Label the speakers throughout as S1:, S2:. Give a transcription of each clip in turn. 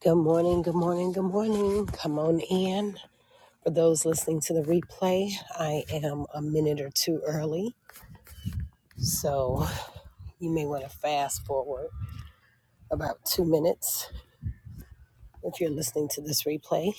S1: Good morning, good morning, good morning. Come on in. For those listening to the replay, I am a minute or two early. So you may want to fast forward about two minutes if you're listening to this replay.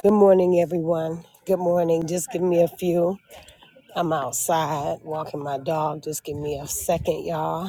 S1: Good morning, everyone. Good morning. Just give me a few. I'm outside walking my dog. Just give me a second, y'all.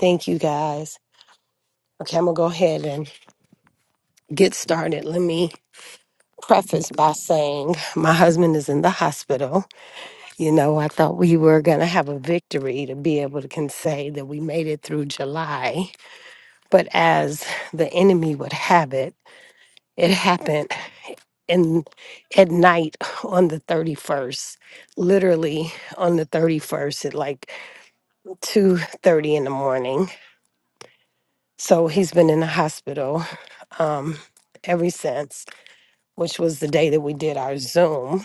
S1: Thank you guys. Okay, I'm going to go ahead and get started. Let me preface by saying my husband is in the hospital. You know, I thought we were going to have a victory to be able to can say that we made it through July, but as the enemy would have it, it happened in at night on the 31st, literally on the 31st at like 2:30 in the morning. So he's been in the hospital um ever since, which was the day that we did our Zoom.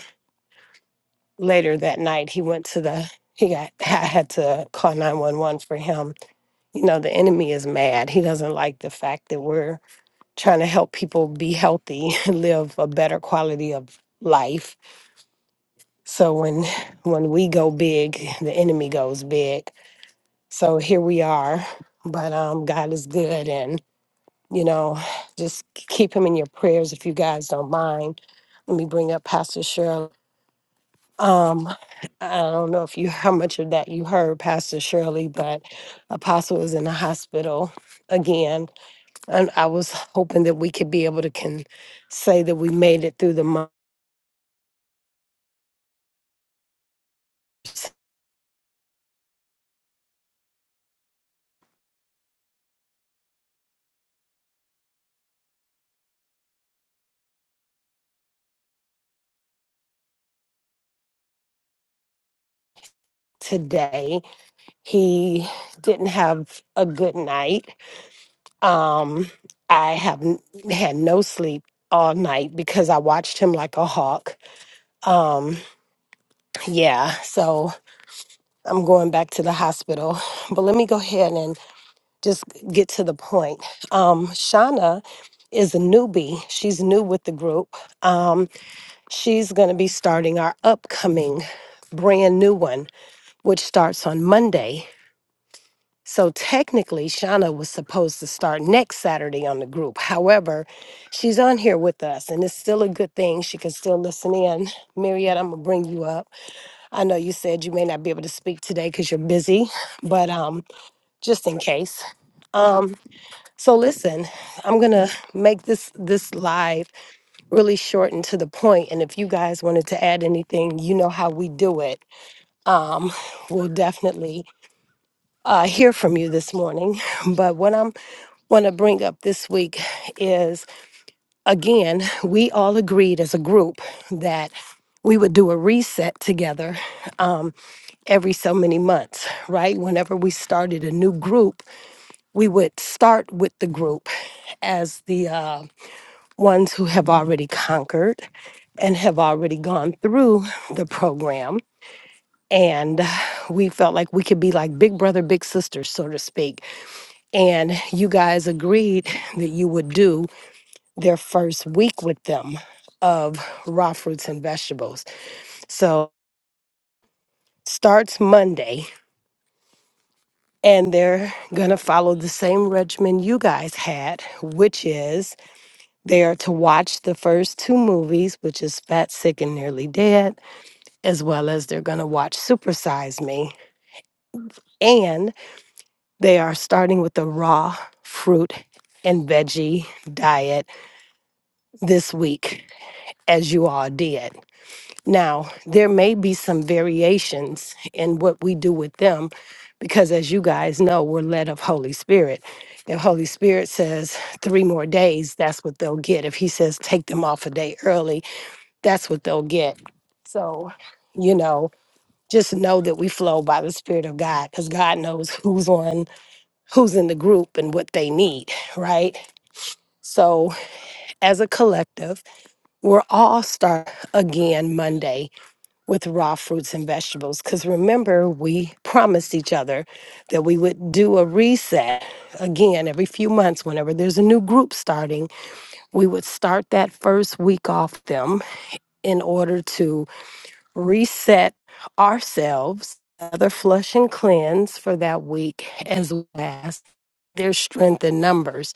S1: Later that night he went to the he got I had to call 911 for him you know the enemy is mad he doesn't like the fact that we're trying to help people be healthy and live a better quality of life so when when we go big the enemy goes big so here we are but um god is good and you know just keep him in your prayers if you guys don't mind let me bring up pastor shirley um i don't know if you how much of that you heard pastor shirley but apostle is in the hospital again And I was hoping that we could be able to can say that we made it through the month today. He didn't have a good night. Um, I haven't had no sleep all night because I watched him like a hawk. Um, yeah, so I'm going back to the hospital. But let me go ahead and just get to the point. Um, Shauna is a newbie. She's new with the group. Um, She's going to be starting our upcoming brand new one, which starts on Monday. So technically, Shauna was supposed to start next Saturday on the group. However, she's on here with us, and it's still a good thing. She can still listen in. Mariette, I'm gonna bring you up. I know you said you may not be able to speak today because you're busy, but um, just in case. Um, so listen, I'm gonna make this this live really short and to the point. And if you guys wanted to add anything, you know how we do it. Um, we'll definitely uh, hear from you this morning. But what I'm want to bring up this week is again, we all agreed as a group that we would do a reset together um, every so many months, right? Whenever we started a new group, we would start with the group as the uh, ones who have already conquered and have already gone through the program. And we felt like we could be like big brother, big sister, so to speak. And you guys agreed that you would do their first week with them of raw fruits and vegetables. So starts Monday, and they're going to follow the same regimen you guys had, which is they are to watch the first two movies, which is Fat, Sick, and Nearly Dead as well as they're going to watch Supersize Me. And they are starting with the raw fruit and veggie diet this week, as you all did. Now, there may be some variations in what we do with them because, as you guys know, we're led of Holy Spirit. If Holy Spirit says three more days, that's what they'll get. If He says take them off a day early, that's what they'll get. So, you know, just know that we flow by the spirit of god because god knows who's on who's in the group and what they need right so as a collective we're all start again monday with raw fruits and vegetables because remember we promised each other that we would do a reset again every few months whenever there's a new group starting we would start that first week off them in order to reset ourselves, other flush and cleanse for that week as well as there's strength in numbers.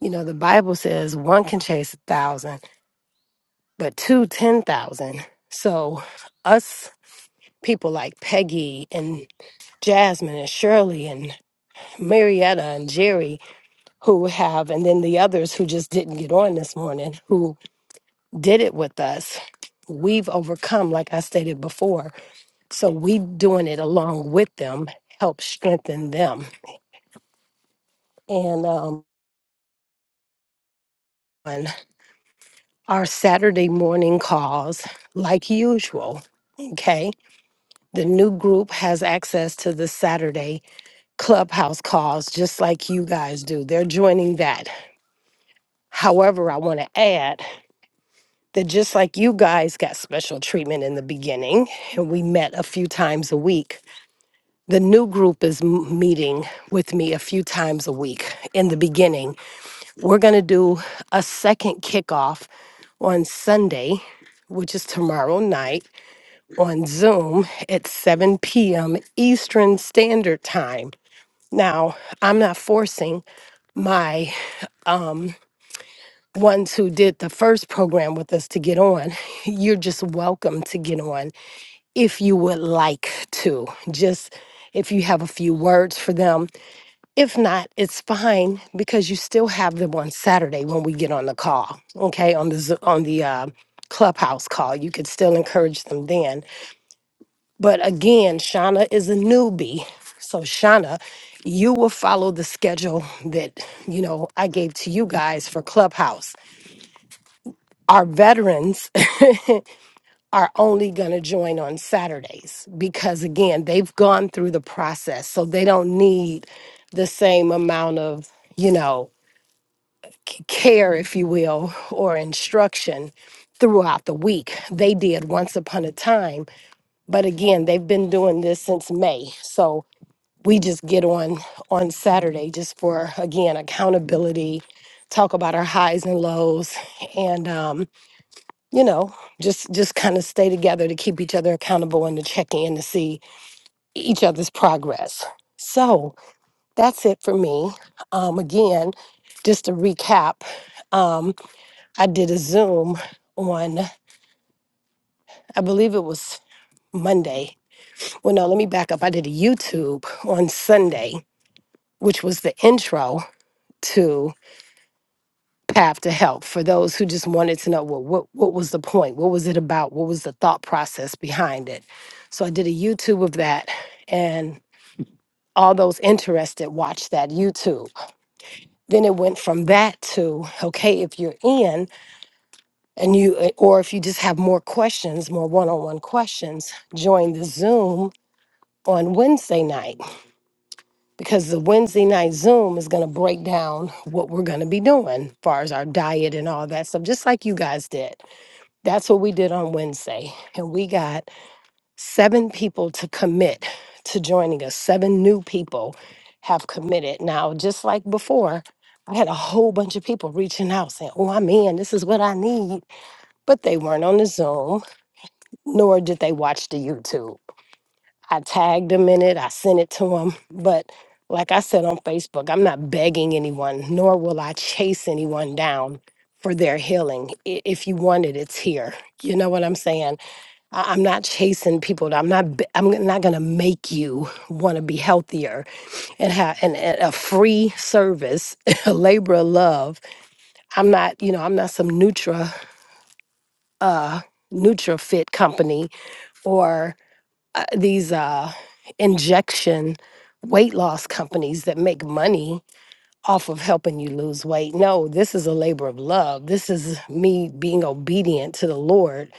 S1: You know, the Bible says one can chase a thousand, but two, ten thousand. So, us people like Peggy and Jasmine and Shirley and Marietta and Jerry, who have, and then the others who just didn't get on this morning, who did it with us, we've overcome, like I stated before so we doing it along with them helps strengthen them and um on our saturday morning calls like usual okay the new group has access to the saturday clubhouse calls just like you guys do they're joining that however i want to add that just like you guys got special treatment in the beginning and we met a few times a week the new group is m- meeting with me a few times a week in the beginning We're going to do a second kickoff on Sunday, which is tomorrow night on Zoom at 7 p.m. Eastern Standard Time. Now, I'm not forcing my um, ones who did the first program with us to get on. You're just welcome to get on if you would like to. Just if you have a few words for them, If not, it's fine because you still have them on Saturday when we get on the call. Okay, on the Zo- on the uh, clubhouse call, you could still encourage them then. But again, Shauna is a newbie, so Shauna, you will follow the schedule that you know I gave to you guys for clubhouse. Our veterans are only going to join on Saturdays because again, they've gone through the process, so they don't need the same amount of you know care, if you will, or instruction throughout the week. They did once upon a time, but again, they've been doing this since May. So we just get on on Saturday just for again accountability, talk about our highs and lows, and um, you know, just just kind of stay together to keep each other accountable and to check in to see each other's progress. So that's it for me. Um, again, just to recap. um, I did a Zoom on, I believe it was Monday. Well, no, let me back up. I did a YouTube on Sunday, which was the intro to Path to Help for those who just wanted to know well, what, what was the point? What was it about? What was the thought process behind it? So I did a YouTube of that, and all those interested watched that YouTube. Then it went from that to okay, if you're in, and you uh, or if you just have more questions more one-on-one questions join the zoom on wednesday night because the wednesday night zoom is going to break down what we're going to be doing as far as our diet and all that stuff just like you guys did that's what we did on wednesday and we got seven people to commit to joining us seven new people have committed now just like before i had a whole bunch of people reaching out saying oh i'm in this is what i need but they weren't on the zoom nor did they watch the YouTube. I tagged them in it, I sent it to them. But like I said on Facebook, I'm not begging anyone, nor will I chase anyone down for their healing. I- If you want it, it's here. You know what I'm saying? I- I'm not chasing people. I'm not. be- I'm not gonna make you want to be healthier and have and, and a free service, a labor of love. I'm not. You know, I'm not some Nutra, uh, Nutra Fit company or uh, these uh, injection weight loss companies that make money off of helping you lose weight. No, this is a labor of love. This is me being obedient to the Lord,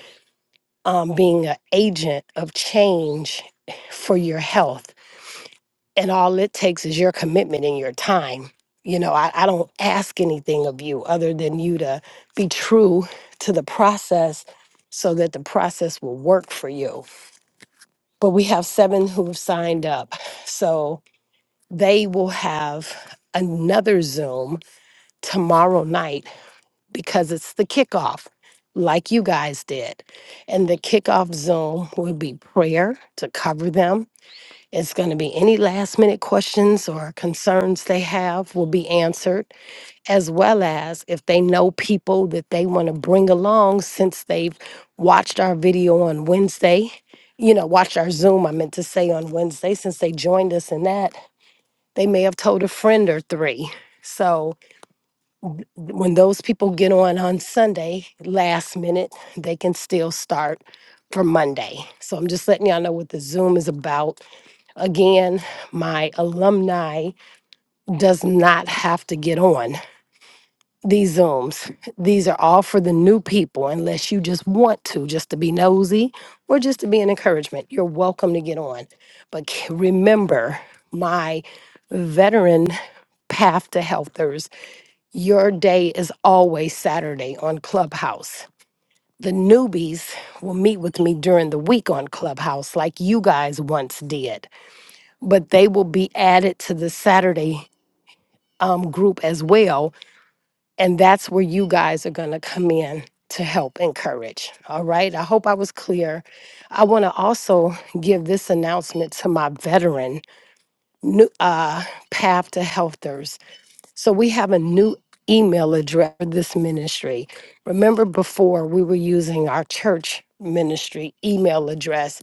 S1: um, being an agent of change for your health. And all it takes is your commitment and your time. You know, I, I don't ask anything of you other than you to be true to the process so that the process will work for you but we have seven who have signed up. So they will have another Zoom tomorrow night because it's the kickoff, like you guys did. And the kickoff Zoom will be prayer to cover them. It's going to be any last minute questions or concerns they have will be answered as well as if they know people that they want to bring along since they've watched our video on Wednesday, you know, watched our Zoom, I meant to say on Wednesday, since they joined us in that, they may have told a friend or three. So th- when those people get on on Sunday, last minute, they can still start for Monday. So I'm just letting y'all know what the Zoom is about. Again, my alumni does not have to get on. these Zooms. These are all for the new people, unless you just want to, just to be nosy or just to be an encouragement. You're welcome to get on. But k- remember my veteran path to healthers, your day is always Saturday on Clubhouse. The newbies will meet with me during the week on Clubhouse, like you guys once did, but they will be added to the Saturday um, group as well and that's where you guys are going to come in to help encourage. All right. I hope I was clear. I want to also give this announcement to my veteran new, uh, Path to Healthers. So we have a new email address for this ministry. Remember before we were using our church ministry email address,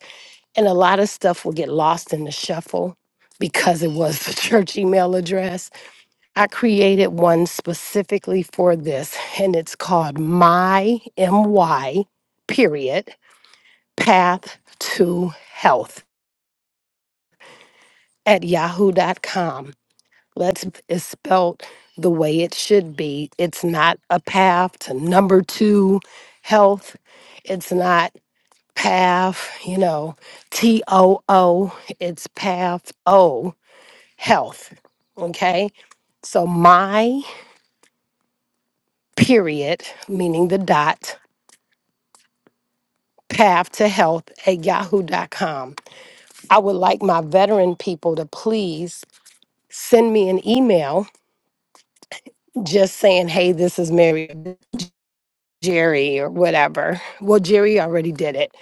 S1: and a lot of stuff will get lost in the shuffle because it was the church email address. I created one specifically for this, and it's called My MY period path to health at yahoo.com. Let's is spelled the way it should be. It's not a path to number two health. It's not path, you know, T O O. It's path O health. Okay. So my period, meaning the dot path to health at yahoo.com. I would like my veteran people to please send me an email just saying, hey, this is Mary Jerry or whatever. Well, Jerry already did it.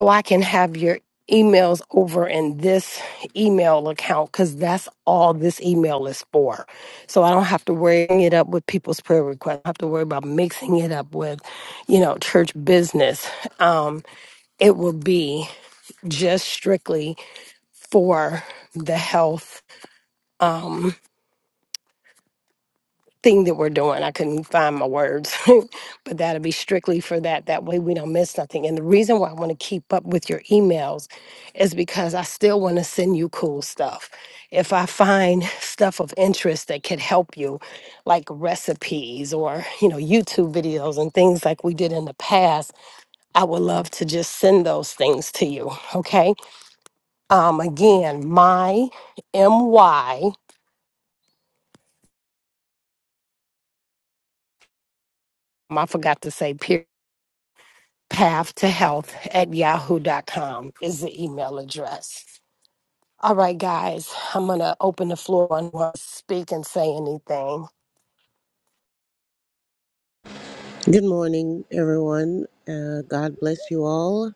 S1: So I can have your emails over in this email account because that's all this email is for. So I don't have to worry it up with people's prayer requests. I don't have to worry about mixing it up with, you know, church business. Um, it will be just strictly for the health um, thing that we're doing. I couldn't find my words, but that'll be strictly for that. That way we don't miss nothing. And the reason why I want to keep up with your emails is because I still want to send you cool stuff. If I find stuff of interest that could help you, like recipes or, you know, YouTube videos and things like we did in the past, I would love to just send those things to you. Okay. Um, again, my MY I forgot to say peer path to health at Yahoo dot com is the email address. All right, guys, I'm going to open the floor and we'll speak and say anything.
S2: Good morning, everyone. Uh, God bless you all.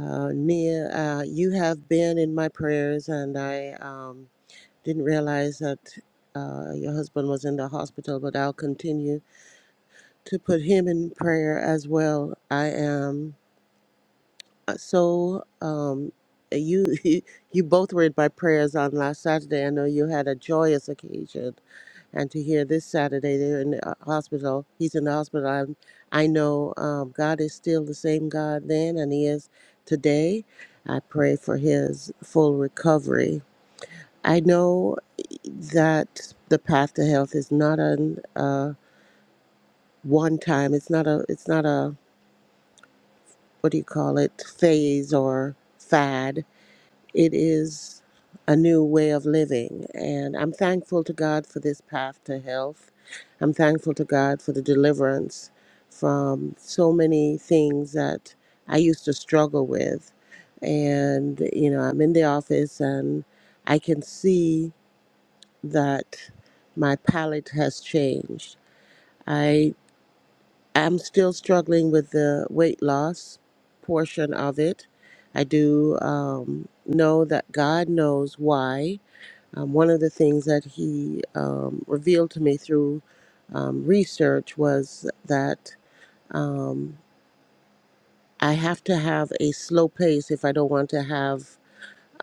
S2: Uh, Nia, uh, you have been in my prayers, and I um, didn't realize that uh, your husband was in the hospital, but I'll continue to put him in prayer as well. I am uh, so um, you you both read my prayers on last Saturday. I know you had a joyous occasion and to hear this Saturday they're in the uh, hospital. He's in the hospital. I'm, I know um, God is still the same God then, and He is today. I pray for his full recovery. I know that the path to health is not a uh, one time. It's not a. It's not a. What do you call it? Phase or fad It is a new way of living, and I'm thankful to God for this path to health. I'm thankful to God for the deliverance from so many things that I used to struggle with. And, you know, I'm in the office and I can see that my palate has changed. I I'm still struggling with the weight loss portion of it. I do um, know that God knows why. Um, one of the things that He um, revealed to me through um, research was that um, I have to have a slow pace if I don't want to have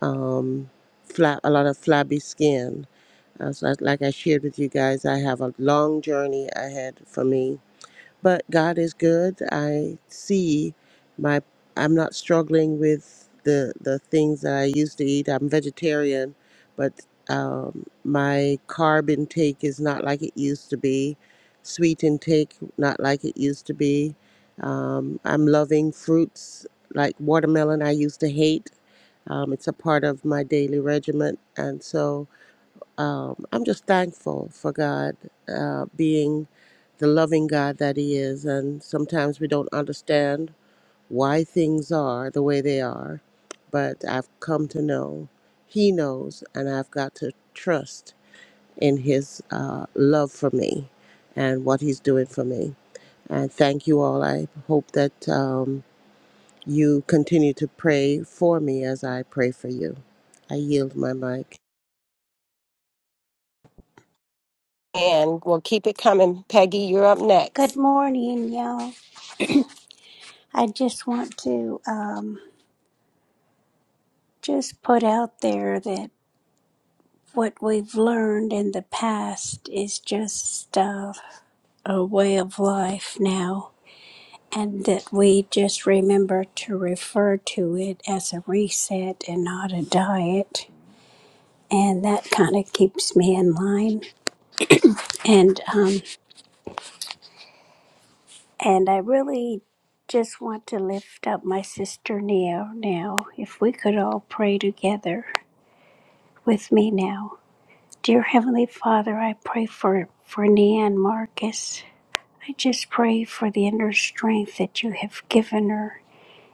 S2: um, fla- a lot of flabby skin. Uh, so I- like I shared with you guys, I have a long journey ahead for me but God is good. I see my I'm not struggling with the the things that I used to eat. I'm vegetarian, but um, my carb intake is not like it used to be. Sweet intake not like it used to be. Um, I'm loving fruits like watermelon. I used to hate. Um, it's a part of my daily regiment, and so um, I'm just thankful for God uh, being the loving God that He is. And sometimes we don't understand why things are the way they are, but I've come to know He knows, and I've got to trust in His uh, love for me and what He's doing for me. And thank you all. I hope that um, you continue to pray for me as I pray for you. I yield my mic.
S1: And we'll keep it coming. Peggy, you're up
S3: Good
S1: next.
S3: morning, y'all. I just want to um, just put out there that what we've learned in the past is just uh, a way of life now, and that we just remember to refer to it as a reset and not a diet. And that kind of keeps me in line. And um, and I really just want to lift up my sister Neo now. If we could all pray together. with me now. Dear Heavenly Father, I pray for, for Neanne Marcus. I just pray for the inner strength that you have given her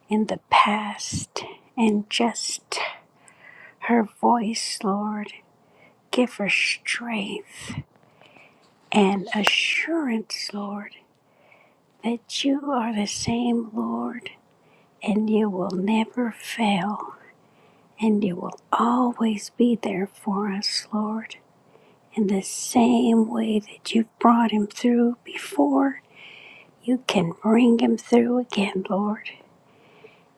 S3: in the past and just her voice, Lord. Give her strength and assurance, Lord, that you are the same, Lord, and you will never fail and you will always be there for us, Lord. In the same way that you've brought him through before, you can bring him through again, Lord.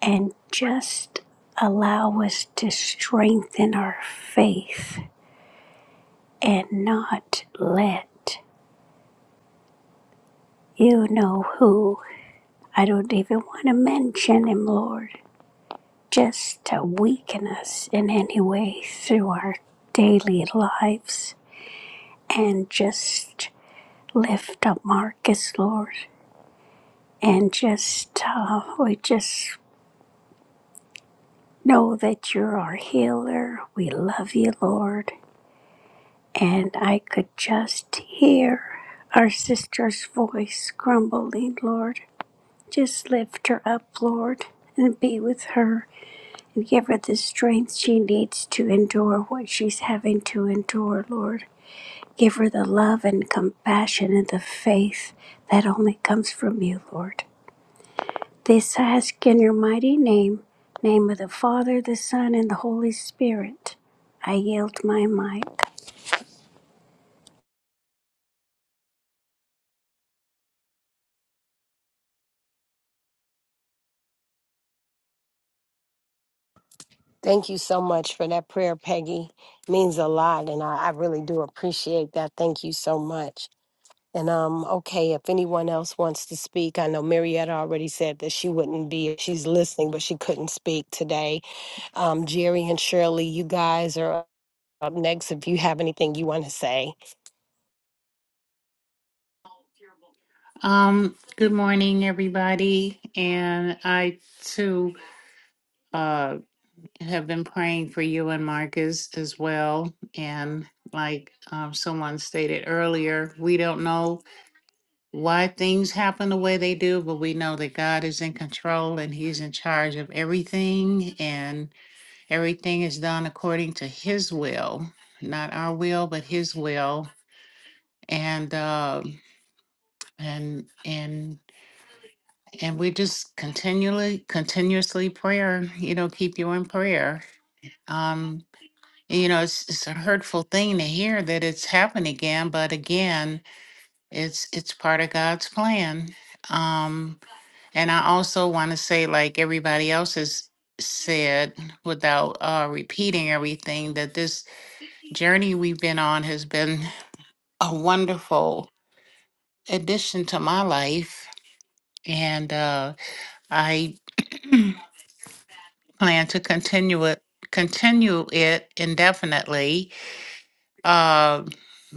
S3: And just allow us to strengthen our faith and not let you know who. I don't even want to mention him, Lord. Just to weaken us in any way through our daily lives and just lift up Marcus, Lord. and just uh, we just know that you're our healer. We love you, Lord. And I could just hear our sister's voice grumbling, Lord. Just lift her up, Lord, and be with her and give her the strength she needs to endure what she's having to endure, Lord. Give her the love and compassion and the faith that only comes from you, Lord. This ask in your mighty name, name of the Father, the Son, and the Holy Spirit. I yield my might.
S1: Thank you so much for that prayer, Peggy. means a lot, and I, I really do appreciate that. Thank you so much. And um, okay, if anyone else wants to speak, I know Marietta already said that she wouldn't be. She's listening, but she couldn't speak today. Um, Jerry and Shirley, you guys are up next if you have anything you want to say.
S4: Um, good morning, everybody. And I too uh have been praying for you and Marcus as well. And like um someone stated earlier, we don't know why things happen the way they do, but we know that God is in control and He's in charge of everything, and everything is done according to His will, not our will, but His will. And uh, and and and we just continually continuously prayer you know keep you in prayer um you know it's, it's a hurtful thing to hear that it's happened again but again it's it's part of god's plan um and i also want to say like everybody else has said without uh repeating everything that this journey we've been on has been a wonderful addition to my life and uh I plan to continue it continue it indefinitely. Uh,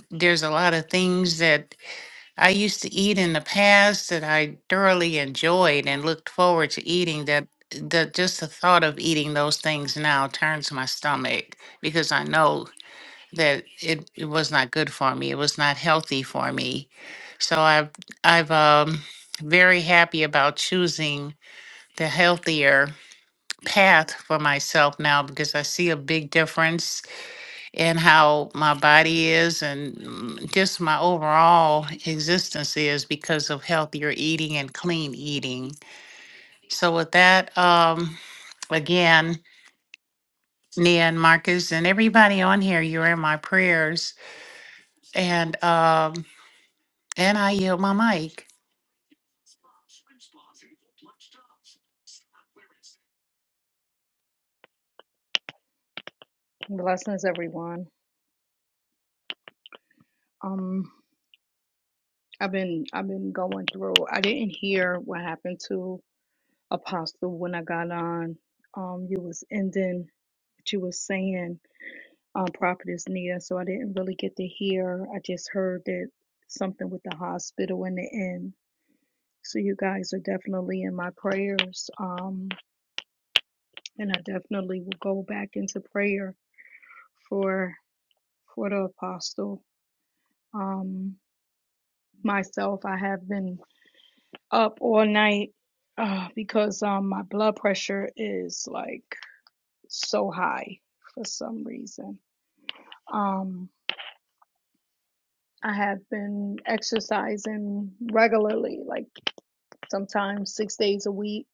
S4: there's a lot of things that I used to eat in the past that I thoroughly enjoyed and looked forward to eating that that just the thought of eating those things now turns my stomach because I know that it, it was not good for me. It was not healthy for me. So I've I've um very happy about choosing the healthier path for myself now because I see a big difference in how my body is and mm, just my overall existence is because of healthier eating and clean eating. So with that, um, again, Nia and Marcus and everybody on here, you're in my prayers. And um, and I yield my mic.
S5: Blessings, everyone. Um, I've been I've been going through. I didn't hear what happened to Apostle when I got on. Um, you was ending what you was saying um, Prophetess Nia, so I didn't really get to hear. I just heard that something with the hospital in the end. So you guys are definitely in my prayers. Um, and I definitely will go back into prayer for for the apostle. Um, myself, I have been up all night uh, because um my blood pressure is like so high for some reason. Um I have been exercising regularly, like sometimes six days a week.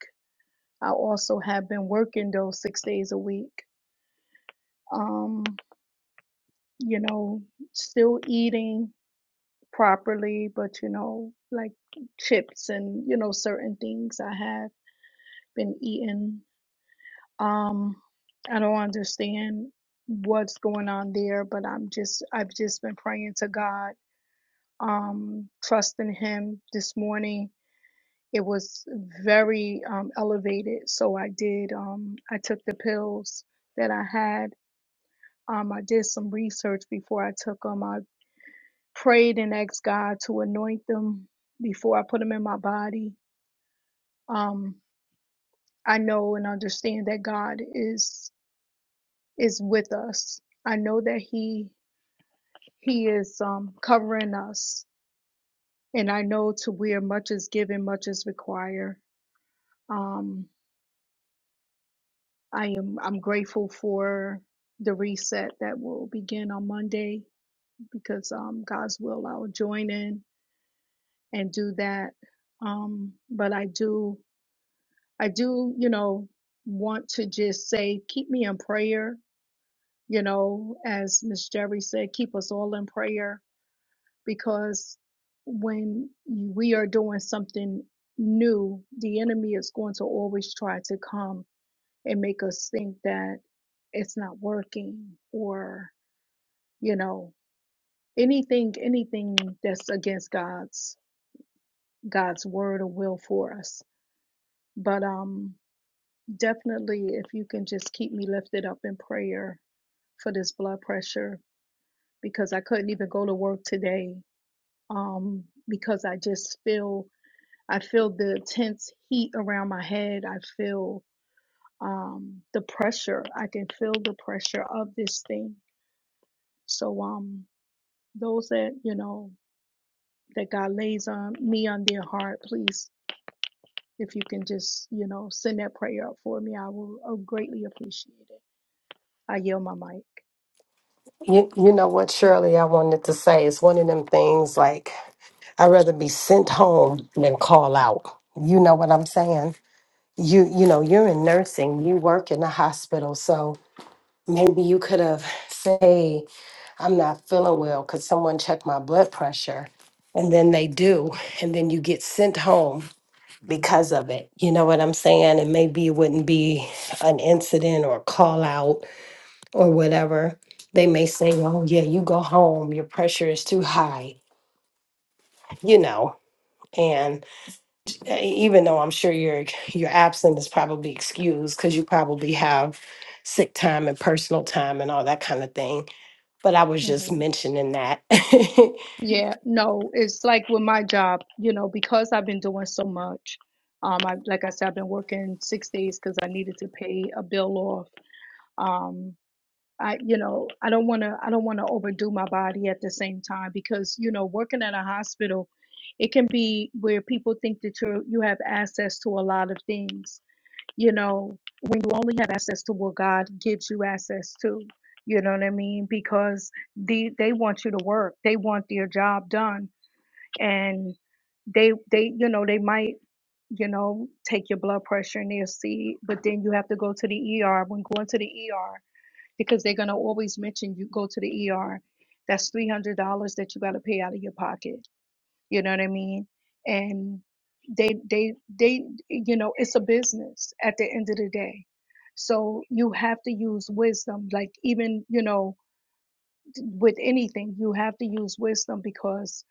S5: I also have been working those six days a week. Um, you know, still eating properly, but you know, like chips and, you know, certain things I have been eating Um, I don't understand what's going on there, but I'm just I've just been praying to God, um, trusting Him this morning. It was very um, elevated, so I did. Um, I took the pills that I had. Um, I did some research before I took them. I prayed and asked God to anoint them before I put them in my body. Um, I know and understand that God is is with us. I know that He He is um, covering us. And I know to where much is given, much is required. Um, I am I'm grateful for the reset that will begin on Monday because um, God's will I'll join in and do that. Um, but I do I do you know want to just say keep me in prayer. You know, as Miss Jerry said, keep us all in prayer because when we are doing something new, the enemy is going to always try to come and make us think that it's not working or, you know, anything anything that's against God's God's word or will for us. But um definitely if you can just keep me lifted up in prayer for this blood pressure because I couldn't even go to work today um because I just feel I feel the intense heat around my head. I feel um, the pressure. I can feel the pressure of this thing. So, um, those that you know that God lays on me on their heart, please, if you can just you know send that prayer up for me, I will uh, greatly appreciate it. I yield my mic.
S1: You, you know what, Shirley, I wanted to say is one of them things like I'd rather be sent home than call out. You know what I'm saying? You you know, you're in nursing, you work in a hospital, so maybe you could have say, I'm not feeling well, could someone check my blood pressure? And then they do, and then you get sent home because of it. You know what I'm saying? And maybe it wouldn't be an incident or a call out or whatever. They may say, oh, yeah, you go home. Your pressure is too high, you know. And uh, even though I'm sure your your absence is probably excused because you probably have sick time and personal time and all that kind of thing. But I was just
S5: hmm
S1: mentioning that
S5: Yeah, no, it's like with my job, you know, because I've been doing so much. Um, I like I said, I've been working six days because I needed to pay a bill off. Um, I, you know, I don't want to, I don't want to overdo my body at the same time because, you know, working at a hospital, it can be where people think that you you have access to a lot of things. You know, when you only have access to what God gives you access to, you know what I mean? Because the they want you to work, they want their job done, and they they you know they might you know take your blood pressure and they'll see, but then you have to go to the ER. When going to the ER because they're going to always mention you go to the ER. That's three hundred dollars that you got to pay out of your pocket. You know what I mean? And they, they, they, you know, it's a business at the end of the day. So you have to use wisdom. Like even, you know, with anything, you have to use wisdom because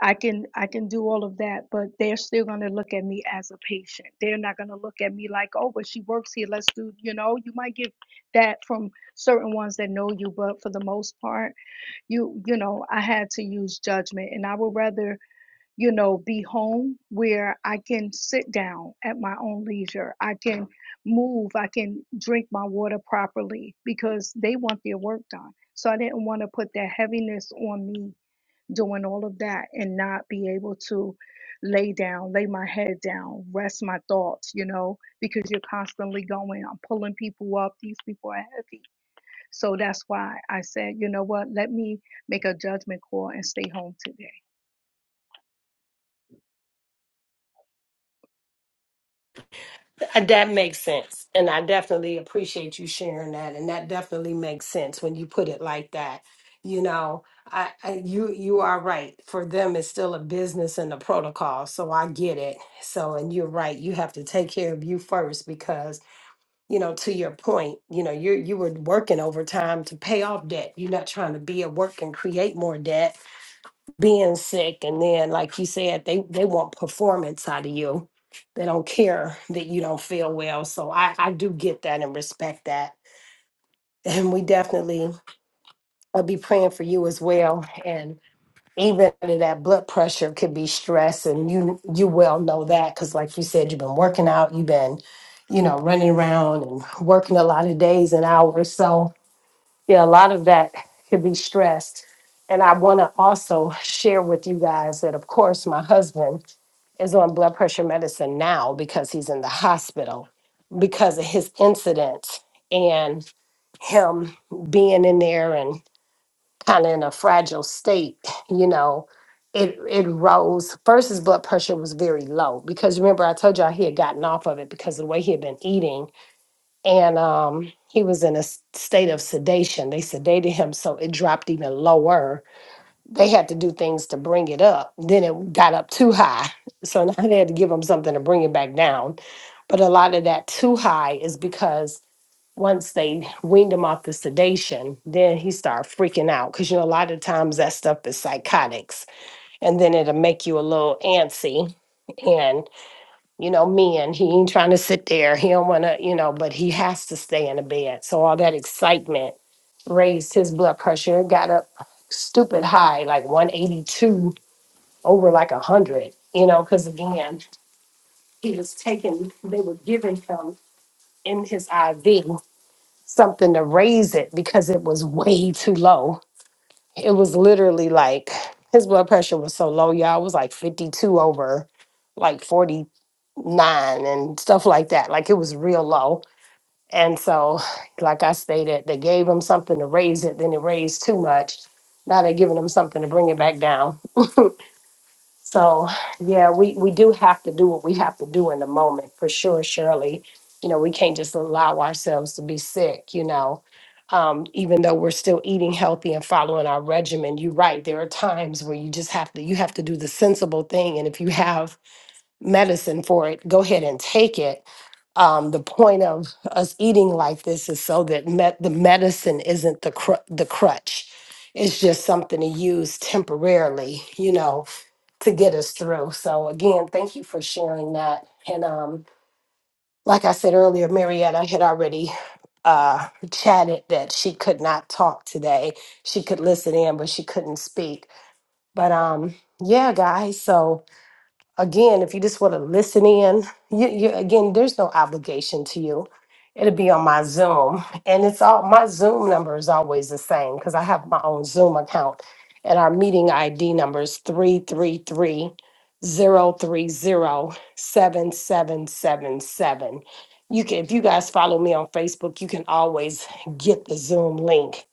S5: I can I can do all of that, but they're still going to look at me as a patient. They're not going to look at me like, oh, but she works here. Let's do, you know, you might get that from certain ones that know you, but for the most part, you you know, I had to use judgment, and I would rather you know be home where I can sit down at my own leisure. I can move. I can drink my water properly because they want their work done. So I didn't want to put that heaviness on me doing all of that and not be able to lay down, lay my head down, rest my thoughts, you know, because you're constantly going, I'm pulling people up. These people are heavy. So that's why I said, you know what, let me make a judgment call and stay home today.
S1: Uh, That makes sense. And I definitely appreciate you sharing that. And that definitely makes sense when you put it like that. You know, I, I you you are right. For them, it's still a business and a protocol. So I get it. So and you're right. You have to take care of you first because, you know, to your point, you know, you you were working overtime to pay off debt. You're not trying to be at work and create more debt being sick and then like you said they they want performance out of you they don't care that you don't feel well so i i do get that and respect that and we definitely i'll be praying for you as well and even under that blood pressure could be stress and you you well know that because like you said you've been working out you've been you know running around and working a lot of days and hours so yeah, a lot of that could be stressed. And I want to also share with you guys that, of course, my husband is on blood pressure medicine now because he's in the hospital because of his incident and him being in there and kind of in a fragile state, you know. It, it rose. First, his blood pressure was very low because remember, I told y'all he had gotten off of it because of the way he had been eating and um, he was in a s- state of sedation. They sedated him so it dropped even lower. They had to do things to bring it up. Then it got up too high. So now they had to give him something to bring it back down. But a lot of that too high is because once they weaned him off the sedation, then he started freaking out. Because, you know, a lot of times that stuff is psychotics. And then it'll make you a little antsy you know, men. He ain't trying to sit there. He don't want to, you know, but he has to stay in the bed. So all that excitement raised his blood pressure. It got up stupid high, like 182 over like 100, you know, because again, he was taking, they were giving him in his IV something to raise it because it was way too low it was literally like his blood pressure was so low, y'all. It was like 52 over like 49 and stuff like that. Like it was real low. And so, like I stated, they gave him something to raise it, then it raised too much. Now they're giving him something to bring it back down. So yeah, we we do have to do what we have to do in the moment for sure, Shirley. You know, we can't just allow ourselves to be sick. You know, um, even though we're still eating healthy and following our regimen, you're right. There are times where you just have to you have to do the sensible thing, and if you have medicine for it. Go ahead and take it. Um, the point of us eating like this is so that met the medicine isn't the cr- the crutch. It's just something to use temporarily, you know, to get us through. So again, thank you for sharing that. And um, like I said earlier, Marietta had already uh, chatted that she could not talk today. She could listen in, but she couldn't speak. But um, yeah, guys. So again, if you just want to listen in, you, you again, there's no obligation to you. It'll be on my Zoom, and it's all my Zoom number is always the same because I have my own Zoom account, and our meeting ID number is three three three zero three zero seven seven seven seven. You can, if you guys follow me on Facebook, you can always get the Zoom link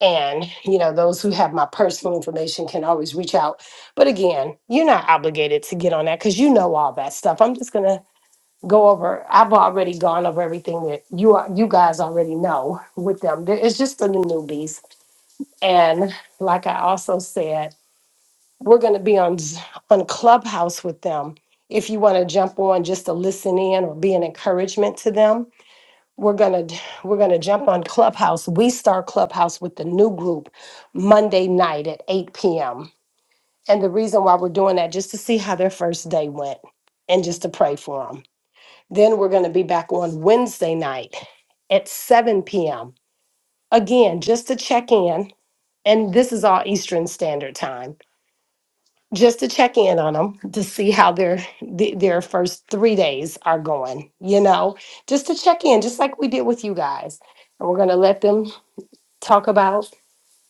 S1: and, you know, those who have my personal information can always reach out. But again, you're not obligated to get on that because you know all that stuff. I'm just gonna go over, I've already gone over everything that you are, you guys already know with them. There- It's just for the newbies. And like I also said, we're gonna be on Z- on Clubhouse with them. If you want to jump on just to listen in or be an encouragement to them, we're gonna we're gonna jump on clubhouse we start clubhouse with the new group monday night at 8 p.m and the reason why we're doing that just to see how their first day went and just to pray for them then we're gonna be back on wednesday night at 7 p.m again just to check in and this is all eastern standard time just to check in on them to see how their th- their first three days are going you know just to check in just like we did with you guys and we're going to let them talk about,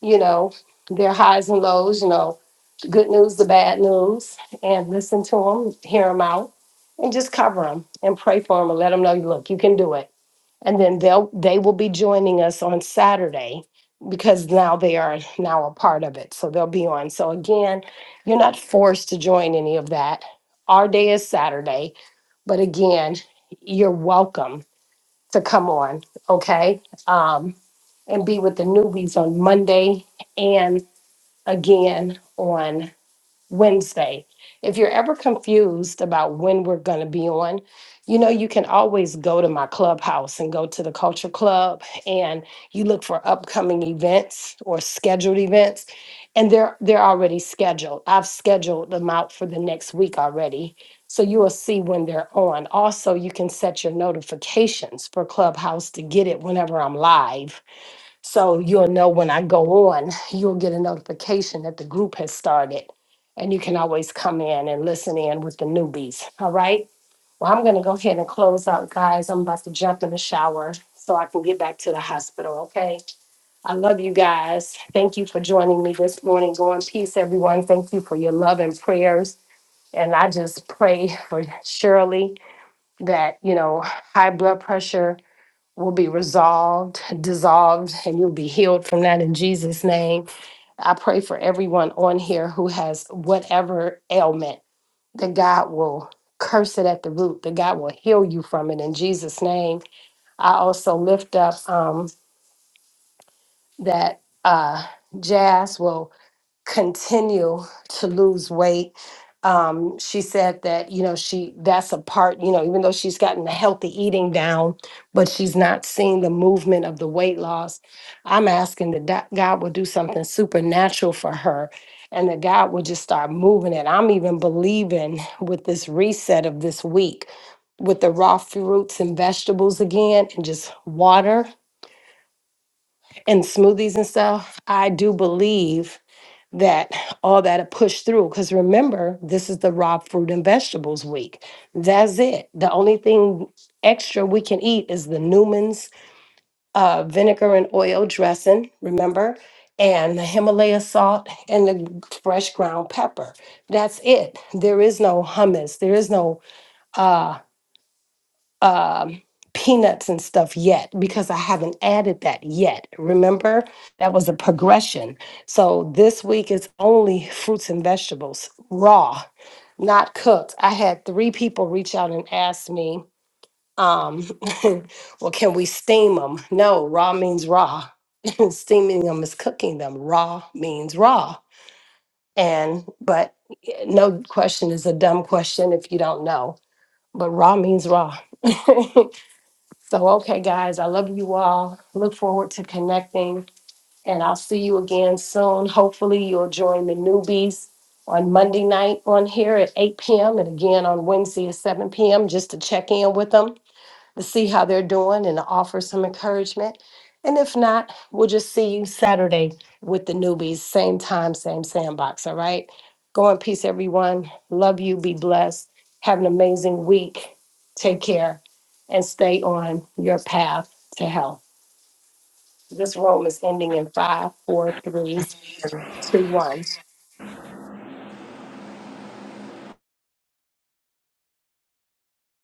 S1: you know, their highs and lows, you know, good news, the bad news, and listen to them, hear them out, and just cover them and pray for them and let them know, look, you can do it. And then they'll they will be joining us on Saturday because now they are now a part of it. So they'll be on. So again, you're not forced to join any of that. Our day is Saturday, but again, you're welcome to come on, okay? Um, and be with the newbies on Monday and again on Wednesday. If you're ever confused about when we're going to be on, you know, you can always go to my clubhouse and go to the culture club and you look for upcoming events or scheduled events and they're they're already scheduled. I've scheduled them out for the next week already. So you will see when they're on. Also, you can set your notifications for Clubhouse to get it whenever I'm live so you'll know when I go on, you'll get a notification that the group has started. And you can always come in and listen in with the newbies. All right. Well, I'm going to go ahead and close out, guys. I'm about to jump in the shower so I can get back to the hospital. Okay. I love you guys. Thank you for joining me this morning. Go in peace, everyone. Thank you for your love and prayers. And I just pray for Shirley that, you know, high blood pressure will be resolved, dissolved, and you'll be healed from that in Jesus' name. I pray for everyone on here who has whatever ailment that God will curse it at the root, that God will heal you from it in Jesus' name. I also lift up um, that uh, Jazz will continue to lose weight. Um, she said that, you know, she that's a part, you know, even though she's gotten the healthy eating down, but she's not seeing the movement of the weight loss. I'm asking that do- God will do something supernatural for her and that God will just start moving it. I'm even believing with this reset of this week with the raw fruits and vegetables again and just water and smoothies and stuff. I do believe that all that are pushed through. Because remember, this is the raw fruit and vegetables week. That's it. The only thing extra we can eat is the Newman's uh, vinegar and oil dressing, remember? And the Himalaya salt and the fresh ground pepper. That's it. There is no hummus. There is no uh, um, peanuts and stuff yet because I haven't added that yet. Remember, that was a progression. So this week is only fruits and vegetables, raw, not cooked. I had three people reach out and ask me, um, well, can we steam them? No, raw means raw. Steaming them is cooking them. Raw means raw. And, but eh, no question is a dumb question if you don't know, but raw means raw. So, okay, guys, I love you all. Look forward to connecting, and I'll see you again soon. Hopefully, you'll join the newbies on Monday night on here at 8 p.m. and again on Wednesday at 7 p.m. just to check in with them to see how they're doing and to offer some encouragement. And if not, we'll just see you Saturday with the newbies, same time, same sandbox. All right. Go in peace, everyone. Love you. Be blessed. Have an amazing week. Take care and stay on your path to health. This room is ending in five, four, three, two, one.